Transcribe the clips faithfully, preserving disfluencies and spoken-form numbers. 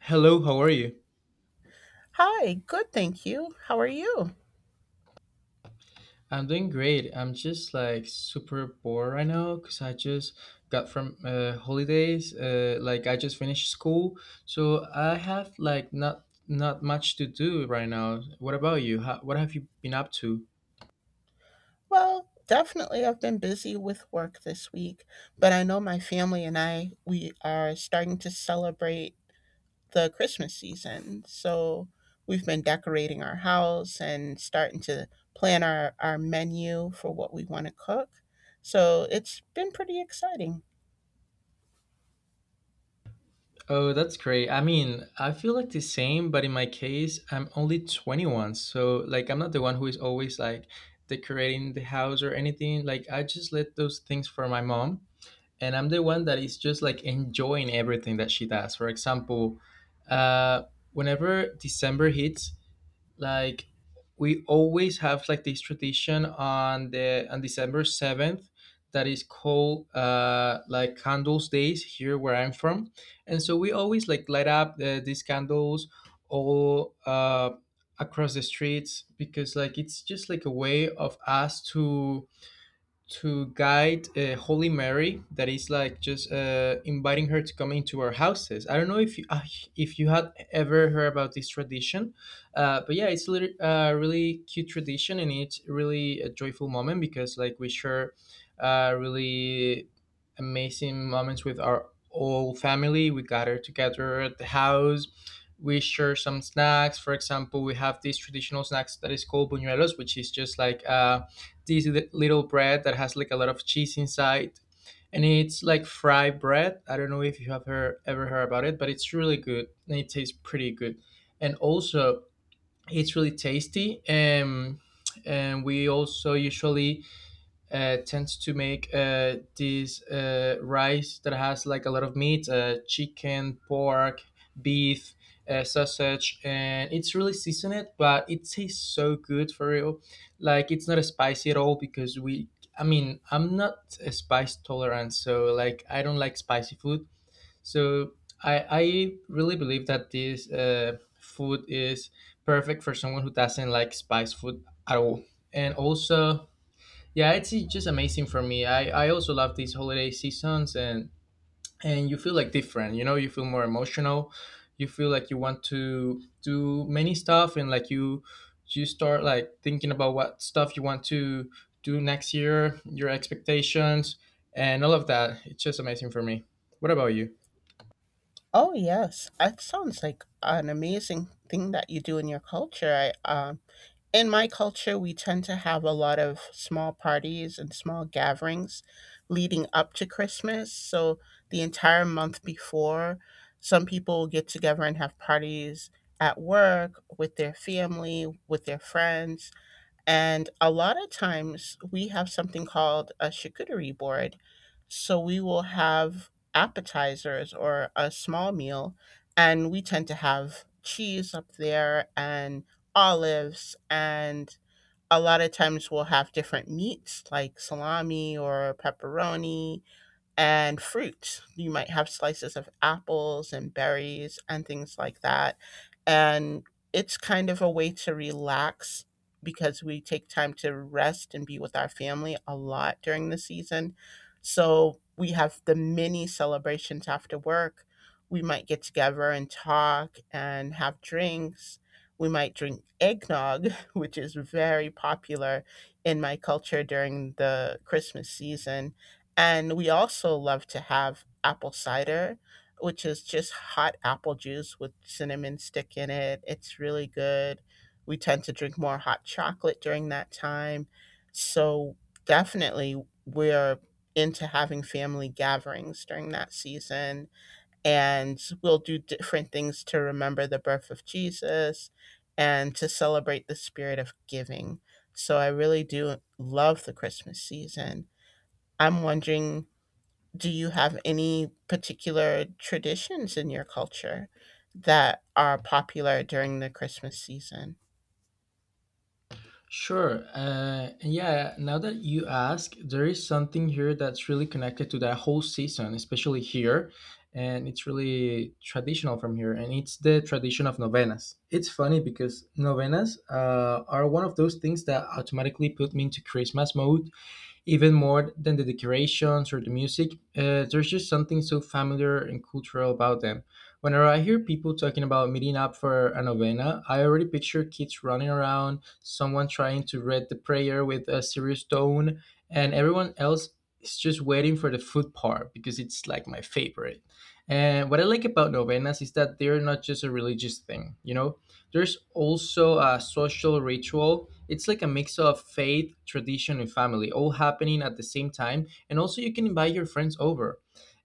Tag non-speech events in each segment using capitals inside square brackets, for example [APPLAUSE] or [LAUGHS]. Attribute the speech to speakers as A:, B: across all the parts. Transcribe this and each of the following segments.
A: Hello, how are you?
B: Hi, good, thank you. How are you?
A: I'm doing great. I'm just like super bored right now because I just got from uh, holidays. Uh, like I just finished school, so I have like not not much to do right now. What about you? How, what have you been up to?
B: Well, definitely I've been busy with work this week, but I know my family and I, we are starting to celebrate the Christmas season. So we've been decorating our house and starting to plan our, our menu for what we want to cook. So it's been pretty exciting.
A: Oh, that's great. I mean, I feel like the same, but in my case, I'm only twenty-one. So, like, I'm not the one who is always like decorating the house or anything. Like, I just let those things for my mom. And I'm the one that is just like enjoying everything that she does. For example, uh, whenever December hits, like we always have like this tradition on the on December seventh that is called uh, like candles days here where I'm from, and so we always like light up uh, these candles all uh, across the streets because like it's just like a way of us to to guide uh, Holy Mary that is like just uh, inviting her to come into our houses. I don't know if you uh, if you had ever heard about this tradition, uh, but yeah, it's a little, uh, really cute tradition and it's really a joyful moment because like we share uh, really amazing moments with our whole family. We gather together at the house. We share some snacks. For example, we have these traditional snacks that is called buñuelos, which is just like. uh this little bread that has like a lot of cheese inside, and it's like fried bread. I don't know if you have heard, ever heard about it, but it's really good and it tastes pretty good, and also it's really tasty. Um, and we also usually uh, tends to make uh, this uh, rice that has like a lot of meat, uh, chicken, pork, beef, uh, sausage, and it's really seasoned, but it tastes so good for real. Like it's not spicy at all because we, I mean, I'm not a spice tolerant, so like I don't like spicy food. So I, I really believe that this uh, food is perfect for someone who doesn't like spice food at all. And also, yeah, it's i- just amazing for me. I, I also love these holiday seasons and and you feel like different, you know, you feel more emotional. You feel like you want to do many stuff and like you you start like thinking about what stuff you want to do next year, your expectations and all of that. It's just amazing for me. What about you?
B: Oh yes, that sounds like an amazing thing that you do in your culture. I um In my culture, we tend to have a lot of small parties and small gatherings leading up to Christmas. So, the entire month before, some people get together and have parties at work, with their family, with their friends. And a lot of times we have something called a charcuterie board. So we will have appetizers or a small meal, and we tend to have cheese up there and olives. And a lot of times we'll have different meats like salami or pepperoni and fruits. You might have slices of apples and berries and things like that. And it's kind of a way to relax because we take time to rest and be with our family a lot during the season. So we have the mini celebrations after work. We might get together and talk and have drinks. We might drink eggnog, [LAUGHS] which is very popular in my culture during the Christmas season, and we also love to have apple cider, which is just hot apple juice with cinnamon stick in it. It's really good. We tend to drink more hot chocolate during that time. So, definitely, we're into having family gatherings during that season. And we'll do different things to remember the birth of Jesus and to celebrate the spirit of giving. So, I really do love the Christmas season. I'm wondering, do you have any particular traditions in your culture that are popular during the Christmas season?
A: Sure. Uh, and yeah, now that you ask, there is something here that's really connected to that whole season, especially here. And it's really traditional from here. And it's the tradition of novenas. It's funny because novenas uh, are one of those things that automatically put me into Christmas mode even more than the decorations or the music. Uh, there's just something so familiar and cultural about them. Whenever I hear people talking about meeting up for a novena, I already picture kids running around, someone trying to read the prayer with a serious tone, and everyone else is just waiting for the food part because it's like my favorite. And what I like about novenas is that they're not just a religious thing, you know? There's also a social ritual. It's like a mix of faith, tradition, and family, all happening at the same time. And also, you can invite your friends over.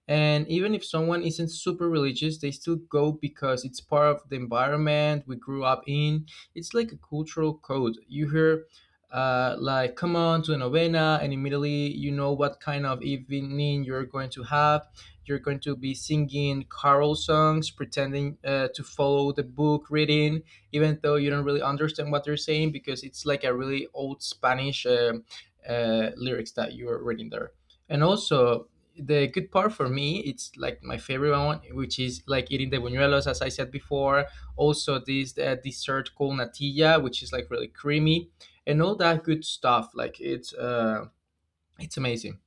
A: And even if someone isn't super religious, they still go because it's part of the environment we grew up in. It's like a cultural code. You hear, uh, like, come on to a novena, and immediately you know what kind of evening you're going to have. You're going to be singing carol songs, pretending uh, to follow the book reading, even though you don't really understand what they're saying because it's like a really old Spanish um uh, lyrics that you are reading there. And also, the good part for me, it's like my favorite one, which is like eating the buñuelos as I said before. Also this uh, dessert called natilla, which is like really creamy and all that good stuff. Like it's uh it's amazing.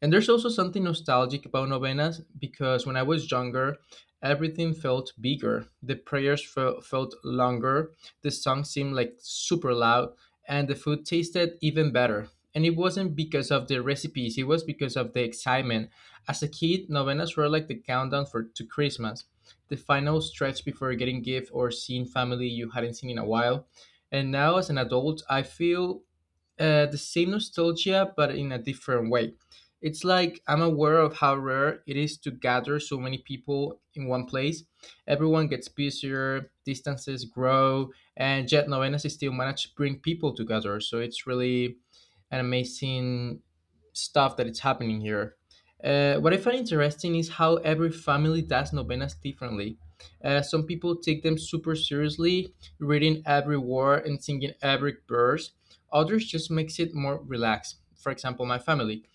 A: And there's also something nostalgic about novenas because when I was younger, everything felt bigger. The prayers fe- felt longer, the songs seemed like super loud, and the food tasted even better. And it wasn't because of the recipes, it was because of the excitement. As a kid, novenas were like the countdown for to Christmas, the final stretch before getting gift or seeing family you hadn't seen in a while. And now as an adult, I feel uh, the same nostalgia, but in a different way. It's like I'm aware of how rare it is to gather so many people in one place. Everyone gets busier, distances grow, and yet novenas still manage to bring people together. So it's really an amazing stuff that is happening here. Uh, what I find interesting is how every family does novenas differently. Uh, some people take them super seriously, reading every word and singing every verse. Others just makes it more relaxed. For example, my family.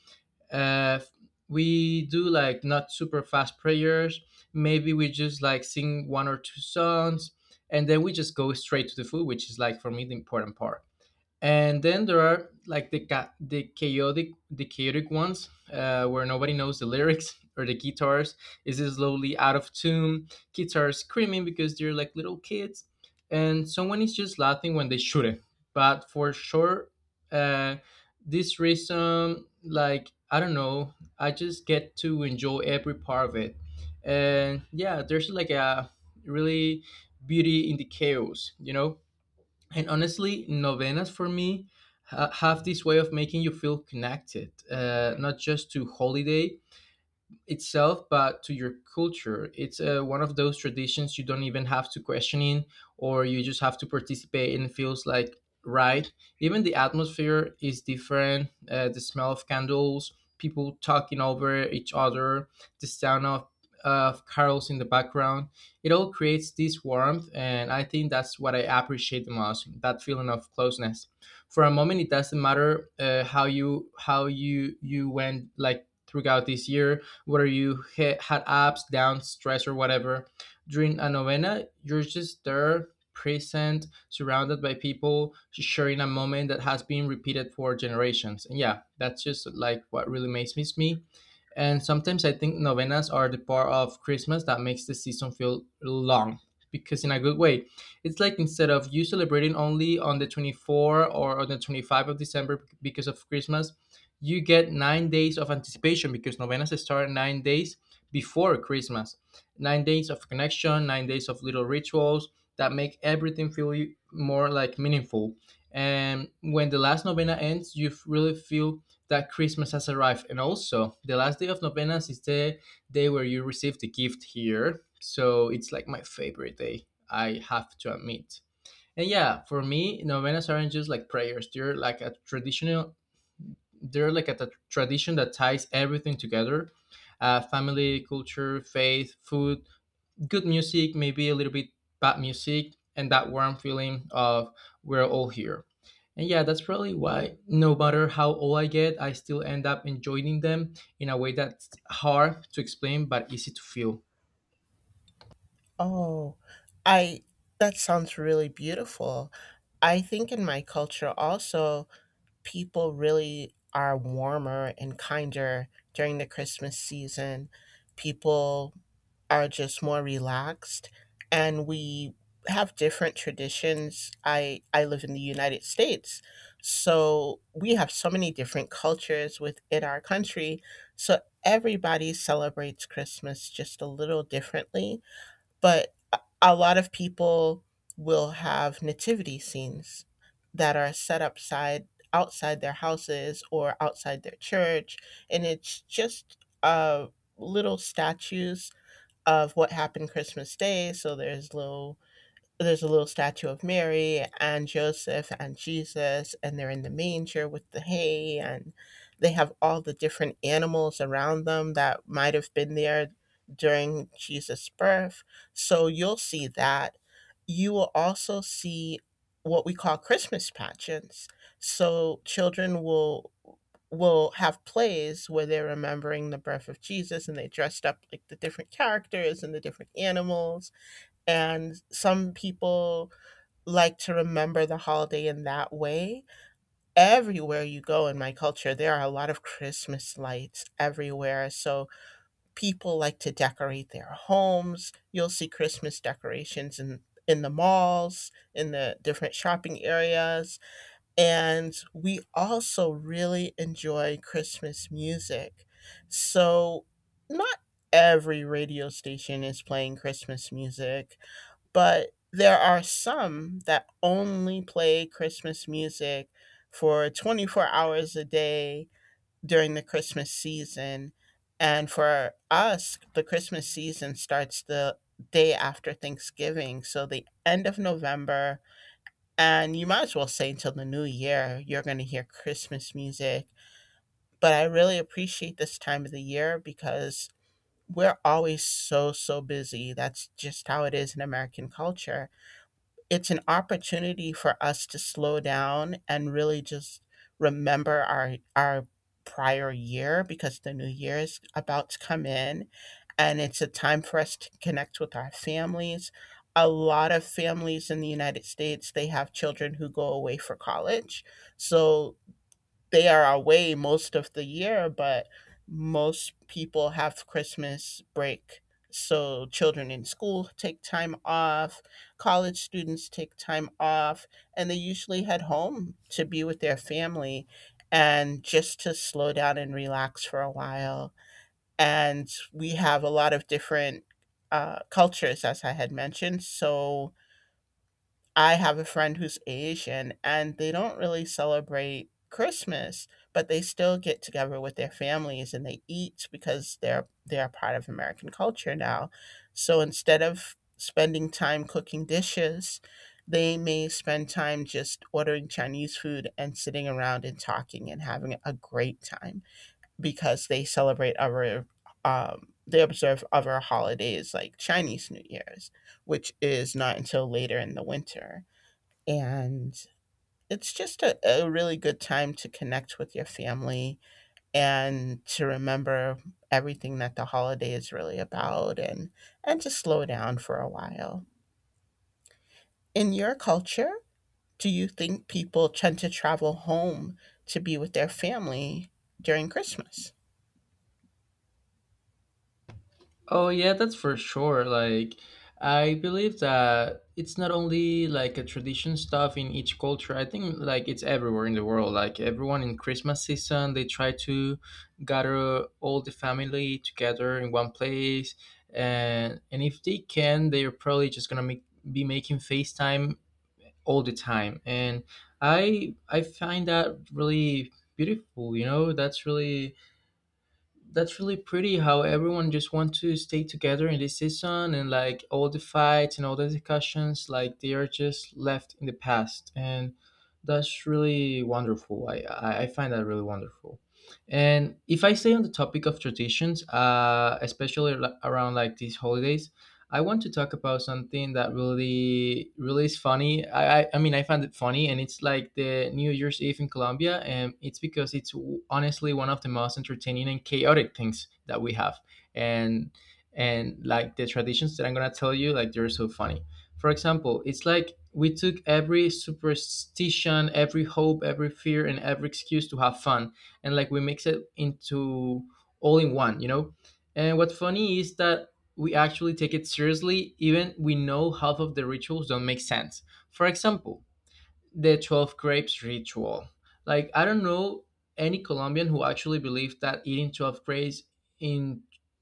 A: Uh, we do like not super fast prayers. Maybe we just like sing one or two songs, and then we just go straight to the food, which is like for me the important part. And then there are like the ca- the chaotic the chaotic ones, uh, where nobody knows the lyrics [LAUGHS] or the guitars is slowly out of tune, guitars screaming because they're like little kids, and someone is just laughing when they shouldn't. But for sure, uh, this reason, like, I don't know, I just get to enjoy every part of it. And yeah, there's like a really beauty in the chaos, you know. And honestly, novenas for me ha- have this way of making you feel connected, uh, not just to holiday itself, but to your culture. It's uh, one of those traditions you don't even have to question in, or you just have to participate and it feels like right. Even the atmosphere is different. Uh, the smell of candles, people talking over each other, the sound of of carols in the background, it all creates this warmth. And I think that's what I appreciate the most, that feeling of closeness. For a moment it doesn't matter, uh, how you how you you went like throughout this year, whether you ha- had ups, downs, stress, or whatever. During a novena, you're just there, present, surrounded by people, sharing a moment that has been repeated for generations. And yeah, that's just like what really makes me me. And sometimes I think novenas are the part of Christmas that makes the season feel long, because in a good way. It's like instead of you celebrating only on the twenty-fourth or on the twenty-fifth of December because of Christmas, you get nine days of anticipation because novenas start nine days before Christmas. Nine days of connection, nine days of little rituals that make everything feel more like meaningful. And when the last novena ends, you f- really feel that Christmas has arrived. And also, the last day of novenas is the day where you receive the gift here. So it's like my favorite day, I have to admit. And yeah, for me, novenas aren't just like prayers. They're like a traditional, they're like a t- tradition that ties everything together, uh, family, culture, faith, food, good music, maybe a little bit bad music, and that warm feeling of we're all here. And yeah, that's probably why no matter how old I get, I still end up enjoying them in a way that's hard to explain but easy to feel.
B: Oh, I That sounds really beautiful. I think in my culture also people really are warmer and kinder during the Christmas season. People are just more relaxed and we have different traditions. I I live in the United States. So we have so many different cultures within our country. So everybody celebrates Christmas just a little differently, but a a lot of people will have nativity scenes that are set upside outside their houses or outside their church, and it's just uh little statues of what happened Christmas Day. So there's little there's a little statue of Mary and Joseph and Jesus, and they're in the manger with the hay, and they have all the different animals around them that might have been there during Jesus' birth. So you'll see that. You will also see what we call Christmas pageants. So children will will have plays where they're remembering the birth of Jesus and they dressed up like the different characters and the different animals, and some people like to remember the holiday in that way. Everywhere you go in my culture, there are a lot of Christmas lights everywhere. So people like to decorate their homes. You'll see Christmas decorations in in the malls, in the different shopping areas, and we also really enjoy Christmas music. So, not every radio station is playing Christmas music, but there are some that only play Christmas music for twenty-four hours a day during the Christmas season. And for us, the Christmas season starts the day after Thanksgiving. So, the end of November, and you might as well say until the new year, you're going to hear Christmas music. But I really appreciate this time of the year because we're always so, so busy. That's just how it is in American culture. It's an opportunity for us to slow down and really just remember our our prior year because the new year is about to come in, and it's a time for us to connect with our families. A lot of families in the United States, they have children who go away for college, so they are away most of the year, but most people have Christmas break. So children in school take time off, college students take time off, and they usually head home to be with their family and just to slow down and relax for a while. And we have a lot of different uh, cultures, as I had mentioned. So I have a friend who's Asian and they don't really celebrate Christmas, but they still get together with their families and they eat because they're they're a part of American culture now. So instead of spending time cooking dishes, they may spend time just ordering Chinese food and sitting around and talking and having a great time because they celebrate other um, they observe other holidays like Chinese New Year's, which is not until later in the winter, and it's just a, a really good time to connect with your family and to remember everything that the holiday is really about, and and to slow down for a while. In your culture, do you think people tend to travel home to be with their family during Christmas?
A: Oh yeah, that's for sure. Like I believe that it's not only like a tradition stuff in each culture. I think like it's everywhere in the world. Like everyone in Christmas season, they try to gather all the family together in one place, and and if they can, they're probably just gonna make, be making FaceTime all the time. And I I find that really beautiful. You know, that's really that's really pretty how everyone just want to stay together in this season, and like all the fights and all the discussions, like they are just left in the past. And that's really wonderful. i i I find that really wonderful. And if I stay on the topic of traditions, uh especially ar- around like these holidays, I want to talk about something that really, really is funny. I, I, I mean, I found it funny, and it's like the New Year's Eve in Colombia, and it's because it's w- honestly one of the most entertaining and chaotic things that we have, and and like the traditions that I'm gonna tell you, like they're so funny. For example, it's like we took every superstition, every hope, every fear, and every excuse to have fun, and like we mix it into all in one, you know. And what's funny is that we actually take it seriously even we know half of the rituals don't make sense, for example the twelve grapes ritual. Like, I don't know any Colombian who actually believes that eating twelve grapes in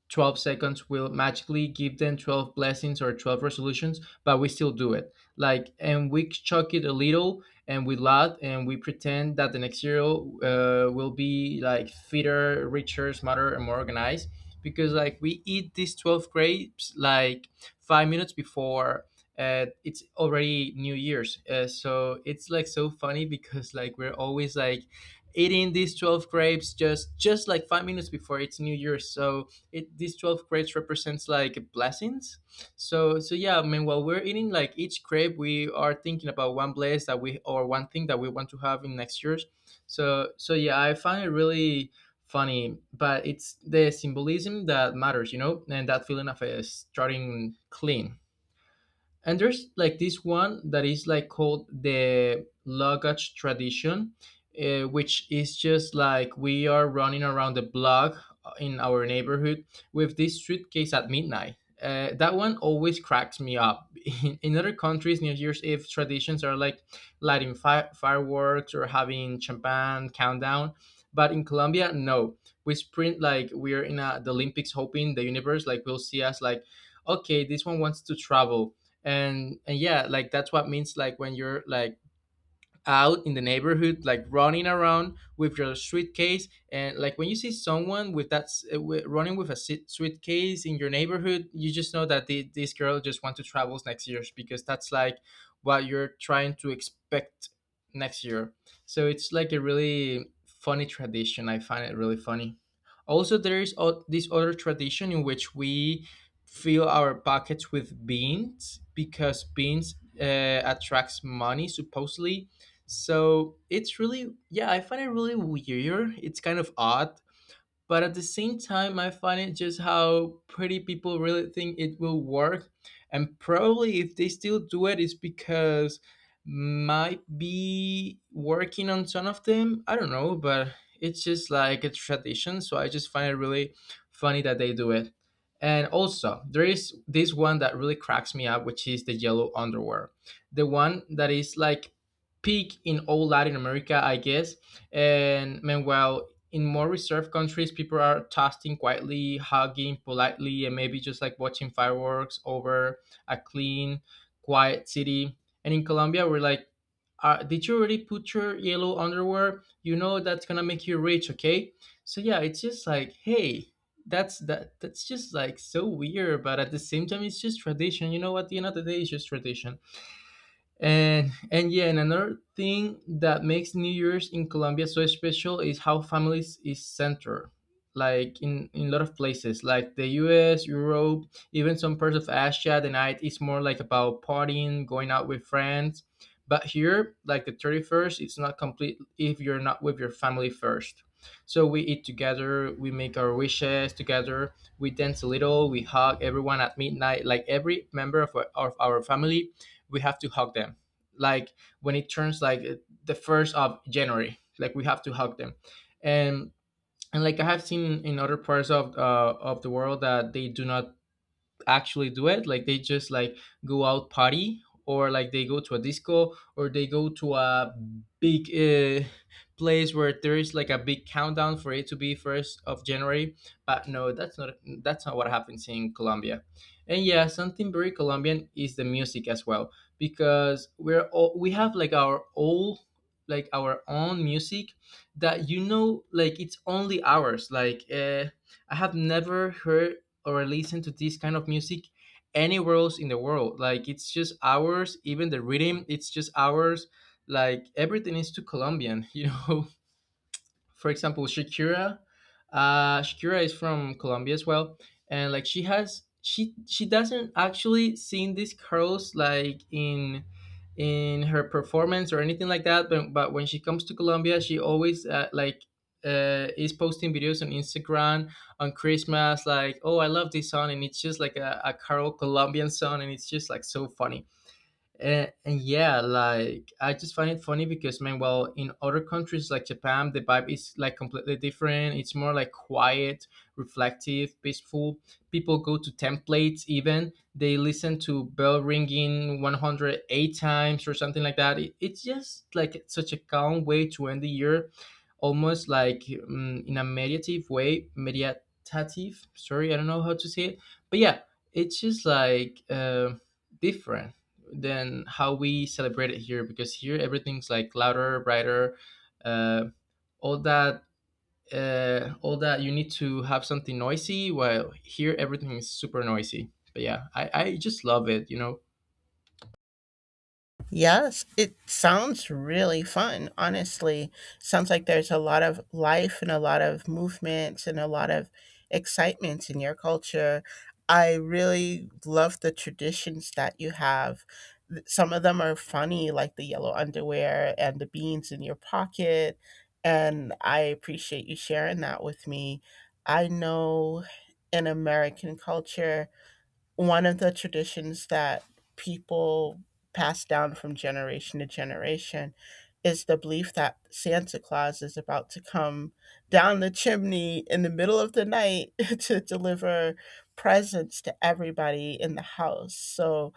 A: twelve seconds will magically give them twelve blessings or twelve resolutions, but we still do it. Like, and we chuck it a little and we laugh and we pretend that the next year uh, will be like fitter, richer, smarter, and more organized because, like, we eat these twelve grapes like five minutes before uh, it's already New Year's. Uh, so it's like so funny because like we're always like eating these twelve grapes just just like five minutes before it's New Year's, so it these twelve grapes represents like blessings. So so yeah, I mean while we're eating like each grape we are thinking about one bless that we or one thing that we want to have in next year's. So so yeah, I find it really funny, but it's the symbolism that matters, you know, and that feeling of uh, starting clean. And there's like this one that is like called the luggage tradition, uh, which is just like we are running around the block uh, in our neighborhood with this suitcase at midnight. Uh, that one always cracks me up. [LAUGHS] in, in other countries New Year's Eve traditions are like lighting fi- fireworks or having champagne countdown, but in Colombia, no, we sprint like we're in a, the Olympics, hoping the universe like will see us like, okay, this one wants to travel. And and yeah, like that's what means like when you're like out in the neighborhood, like running around with your suitcase. And like when you see someone with that s- uh, wi- running with a sit- suitcase in your neighborhood, you just know that the, this girl just want to travel next year because that's like what you're trying to expect next year. So it's like a really funny tradition. I find it really funny. Also, there is o- this other tradition in which we fill our pockets with beans because beans uh, attracts money supposedly. So it's really, yeah, I find it really weird. It's kind of odd, but at the same time I find it just how pretty people really think it will work. And probably if they still do it it's because might be working on some of them, I don't know, but it's just like a tradition, so I just find it really funny that they do it. And also there is this one that really cracks me up, which is the yellow underwear, the one that is like peak in all Latin America, I guess. And meanwhile in more reserved countries, people are toasting quietly, hugging politely, and maybe just like watching fireworks over a clean, quiet city. And in Colombia, we're like, uh, did you already put your yellow underwear? You know that's gonna make you rich, okay? So yeah, it's just like, hey, that's that that's just like so weird, but at the same time, it's just tradition. You know, at the end of the day, it's just tradition. And and yeah, and another thing that makes New Year's in Colombia so special is how families is centered. Like in, in a lot of places, like the U S, Europe, even some parts of Asia, the night is more like about partying, going out with friends. But here, like the thirty-first, it's not complete if you're not with your family first. So we eat together, we make our wishes together, we dance a little, we hug everyone at midnight. Like every member of our, of our family we have to hug them, like when it turns like the first of January, like we have to hug them. and and like I have seen in other parts of uh, of the world that they do not actually do it, like they just like go out party or like they go to a disco or they go to a big uh, place where there is like a big countdown for it to be first of January. But no, that's not, that's not what happens in Colombia. And yeah, something very Colombian is the music as well, because we're all we have like our old, like our own music, that you know like it's only ours, like, uh, I have never heard or listen to this kind of music anywhere else in the world. Like it's just ours, even the rhythm, it's just ours. Like everything is too Colombian, [LAUGHS] you know. For example, Shakira, uh Shakira is from Colombia as well, and like she has she she doesn't actually sing these curls like in in her performance or anything like that, but, but when she comes to Colombia she always, uh, like uh, is posting videos on Instagram on Christmas, like, oh, I love this song. And it's just like a, a carol Colombian song, and it's just like so funny. Uh, and yeah, like I just find it funny because, man, well, in other countries like Japan, the vibe is like completely different. It's more like quiet, reflective, peaceful. People go to templates, even they listen to bell ringing one hundred eight times or something like that. It, it's just like such a calm way to end the year, almost like um, in a meditative way, meditative. Sorry, I don't know how to say it, but yeah, it's just like uh, different than how we celebrate it here, because here everything's like louder, brighter, uh, all that, uh, all that you need to have something noisy, while here everything is super noisy. But yeah, i, I just love it, you know.
B: Yes, it sounds really fun, honestly. Sounds like there's a lot of life and a lot of movement and a lot of excitement in your culture. I really love the traditions that you have. Th- Some of them are funny, like the yellow underwear and the beans in your pocket. And I appreciate you sharing that with me. I know in American culture, one of the traditions that people pass down from generation to generation is the belief that Santa Claus is about to come down the chimney in the middle of the night [LAUGHS] to deliver presents to everybody in the house. So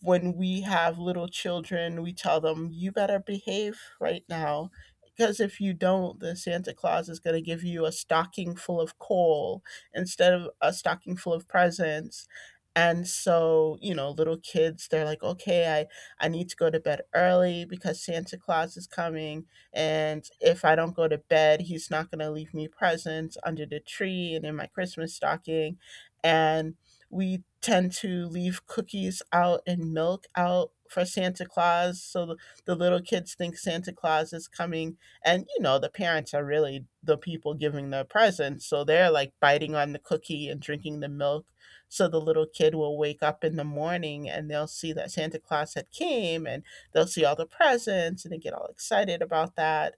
B: when we have little children, we tell them, you better behave right now. Because if you don't, the Santa Claus is going to give you a stocking full of coal instead of a stocking full of presents. And so, you know, little kids they're like, okay, i i need to go to bed early because Santa Claus is coming, and if I don't go to bed, he's not going to leave me presents under the tree and in my Christmas stocking. And we tend to leave cookies out and milk out for Santa Claus, so the, the little kids think Santa Claus is coming, and you know the parents are really the people giving the presents, so they're like biting on the cookie and drinking the milk, so the little kid will wake up in the morning and they'll see that Santa Claus had came and they'll see all the presents and they get all excited about that.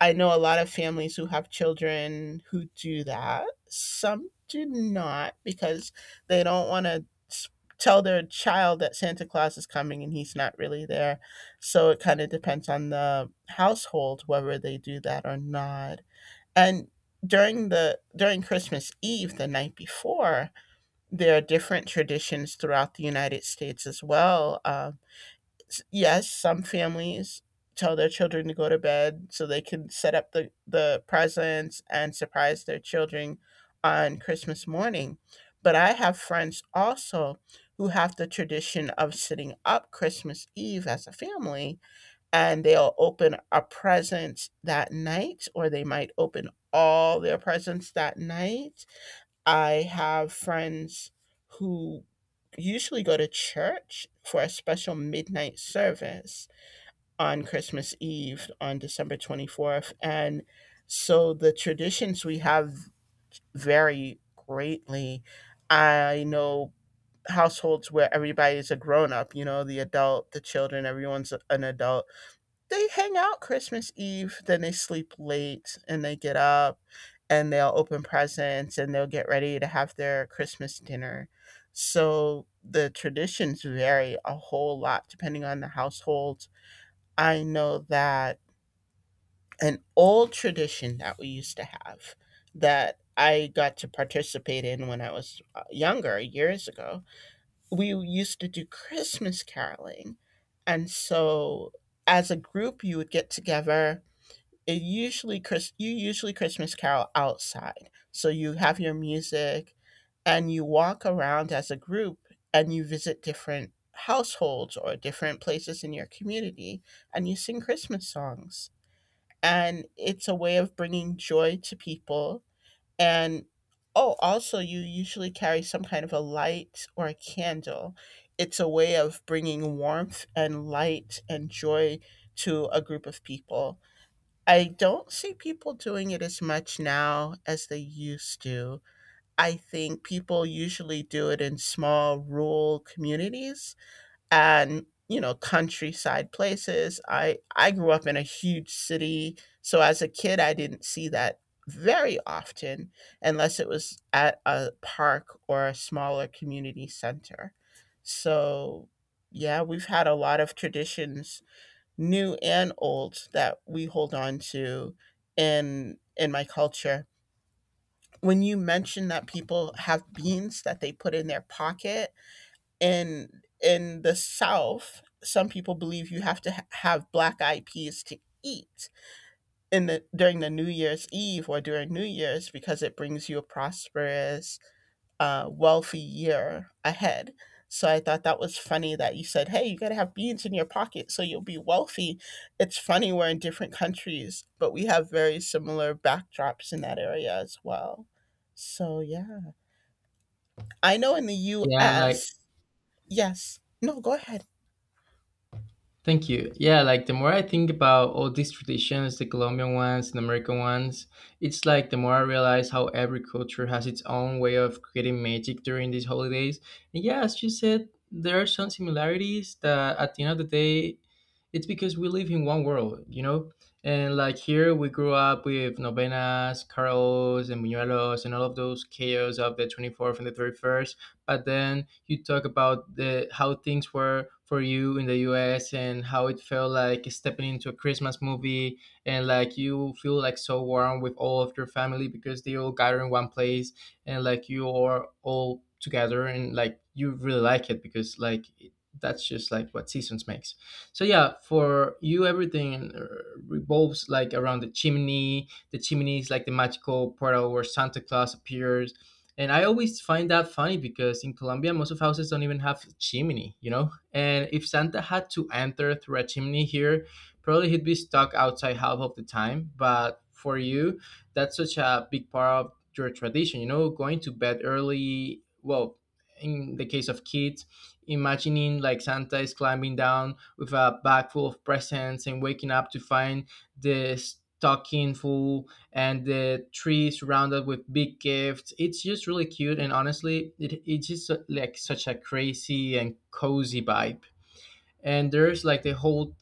B: I know a lot of families who have children who do that. Some do not because they don't want to tell their child that Santa Claus is coming and he's not really there. So it kind of depends on the household whether they do that or not. And during the during Christmas Eve, the night before, there are different traditions throughout the United States as well. Uh, yes, some families tell their children to go to bed so they can set up the, the presents and surprise their children on Christmas morning. But I have friends also who have the tradition of sitting up Christmas Eve as a family and they'll open a present that night or they might open all their presents that night. I have friends who usually go to church for a special midnight service on Christmas Eve on December twenty-fourth. And so the traditions we have vary greatly. I know households where everybody's a grown up, you know, the adult, the children, everyone's an adult. They hang out Christmas Eve, then they sleep late and they get up and they'll open presents and they'll get ready to have their Christmas dinner. So the traditions vary a whole lot depending on the household. I know that an old tradition that we used to have that I got to participate in when I was uh, younger, years ago, we used to do Christmas caroling. And so as a group, you would get together. It usually Chris you usually Christmas carol outside. So you have your music and you walk around as a group and you visit different households or different places in your community and you sing Christmas songs. And it's a way of bringing joy to people, and oh, also you usually carry some kind of a light or a candle. It's a way of bringing warmth and light and joy to a group of people. I don't see people doing it as much now as they used to. I think people usually do it in small rural communities and, you know, countryside places. I I grew up in a huge city, so as a kid I didn't see that very often unless it was at a park or a smaller community center. So, yeah, we've had a lot of traditions new and old that we hold on to in in my culture. When you mention that people have beans that they put in their pocket, in in the south, some people believe you have to ha- have black eyed peas to eat in the during the new year's eve or during new year's because it brings you a prosperous uh, wealthy year ahead. So I thought that was funny that you said, hey, you got to have beans in your pocket so you'll be wealthy. It's funny, we're in different countries, but we have very similar backdrops in that area as well. So yeah, I know in the
A: Yeah, like,
B: U S, yes, no, go ahead.
A: thank you. Yeah, like, the more I think about all these traditions, the Colombian ones, the American ones, it's like the more I realize how every culture has its own way of creating magic during these holidays. And yeah, as you said, there are some similarities that at the end of the day it's because we live in one world, you know? And like here, we grew up with novenas, carols, and buñuelos, and all of those chaos of the twenty-fourth and the thirty-first. But then you talk about the how things were for you in the U S and how it felt like stepping into a Christmas movie. And like you feel like so warm with all of your family because they all gather in one place, and like you are all together and like you really like it because like it- that's just like what seasons makes. So yeah, for you, everything uh, revolves like around the chimney. The chimney is like the magical portal where Santa Claus appears. And I always find that funny because in Colombia, most of houses don't even have a chimney, you know? And if Santa had to enter through a chimney here, probably he'd be stuck outside half of the time. But for you, that's such a big part of your tradition, you know, going to bed early. Well, in the case of kids, imagining like Santa is climbing down with a bag full of presents and waking up to find the stocking full and the tree surrounded with big gifts. It's just really cute and honestly, it, it's just uh, like such a crazy and cozy vibe. And there's like the whole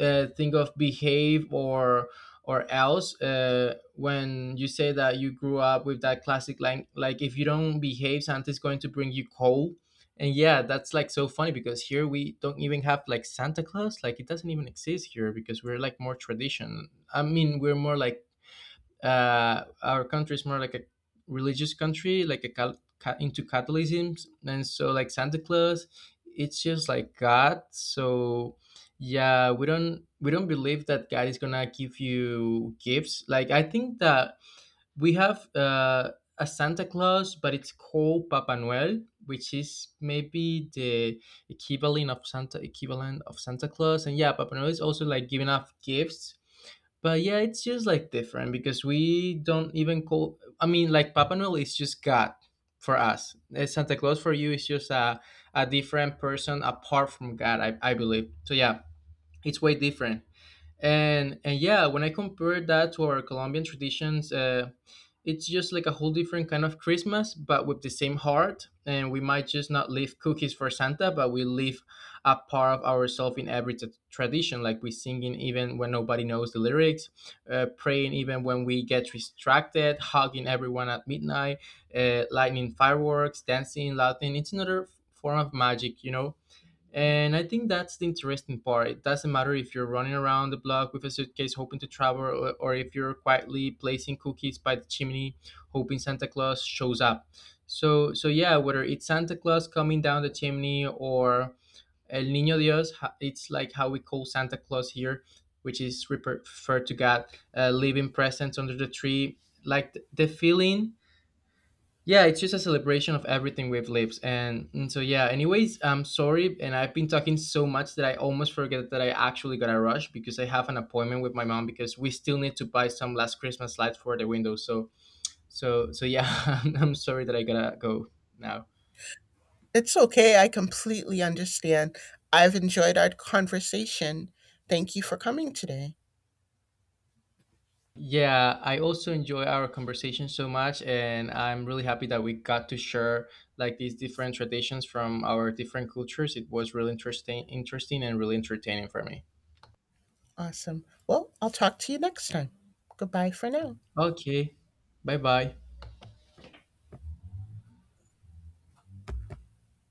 A: uh, thing of behave or or else, uh, when you say that you grew up with that classic line like, if you don't behave, Santa's going to bring you coal. And yeah, that's like so funny, because here we don't even have like Santa Claus, like it doesn't even exist here, because we're like more tradition, I mean, we're more like, uh, our country is more like a religious country, like a cal- ca- into Catholicism, and so like Santa Claus, it's just like God. So yeah, we don't we don't believe that God is gonna give you gifts. Like, I think that we have uh, a Santa Claus, but it's called Papa Noel, which is maybe the equivalent of Santa equivalent of Santa Claus. And yeah, Papa Noel is also like giving off gifts, but yeah, it's just like different because we don't even call. I mean, like Papa Noel is just God for us. Eh, Santa Claus for you is just a, a different person apart from God, I, I believe. So yeah, it's way different. And and yeah, when I compare that to our Colombian traditions, uh, it's just like a whole different kind of Christmas, but with the same heart. And we might just not leave cookies for Santa, but we leave a part of ourselves in every t- tradition, like we singing even when nobody knows the lyrics, uh, praying even when we get distracted, hugging everyone at midnight, uh, lightning fireworks, dancing, laughing. It's another f- form of magic, you know. And I think that's the interesting part. It doesn't matter if you're running around the block with a suitcase hoping to travel, or, or if you're quietly placing cookies by the chimney hoping Santa Claus shows up. So, so yeah, whether it's Santa Claus coming down the chimney or El Niño Dios, ha- it's like how we call Santa Claus here, which is refer- referred to God, uh, leaving presents under the tree. Like th- the feeling, yeah, it's just a celebration of everything we've lived. And, and so, yeah, anyways, I'm sorry. And I've been talking so much that I almost forget that I actually got a rush because I have an appointment with my mom because we still need to buy some last Christmas lights for the windows. So, so, so yeah, [LAUGHS] I'm, I'm sorry that I gotta go now.
B: It's okay. I completely understand. I've enjoyed our conversation. Thank you for coming today.
A: Yeah, I also enjoy our conversation so much. And I'm really happy that we got to share like these different traditions from our different cultures. It was really interesting, interesting and really entertaining for me.
B: Awesome. Well, I'll talk to you next time. Goodbye for now.
A: Okay. Bye bye.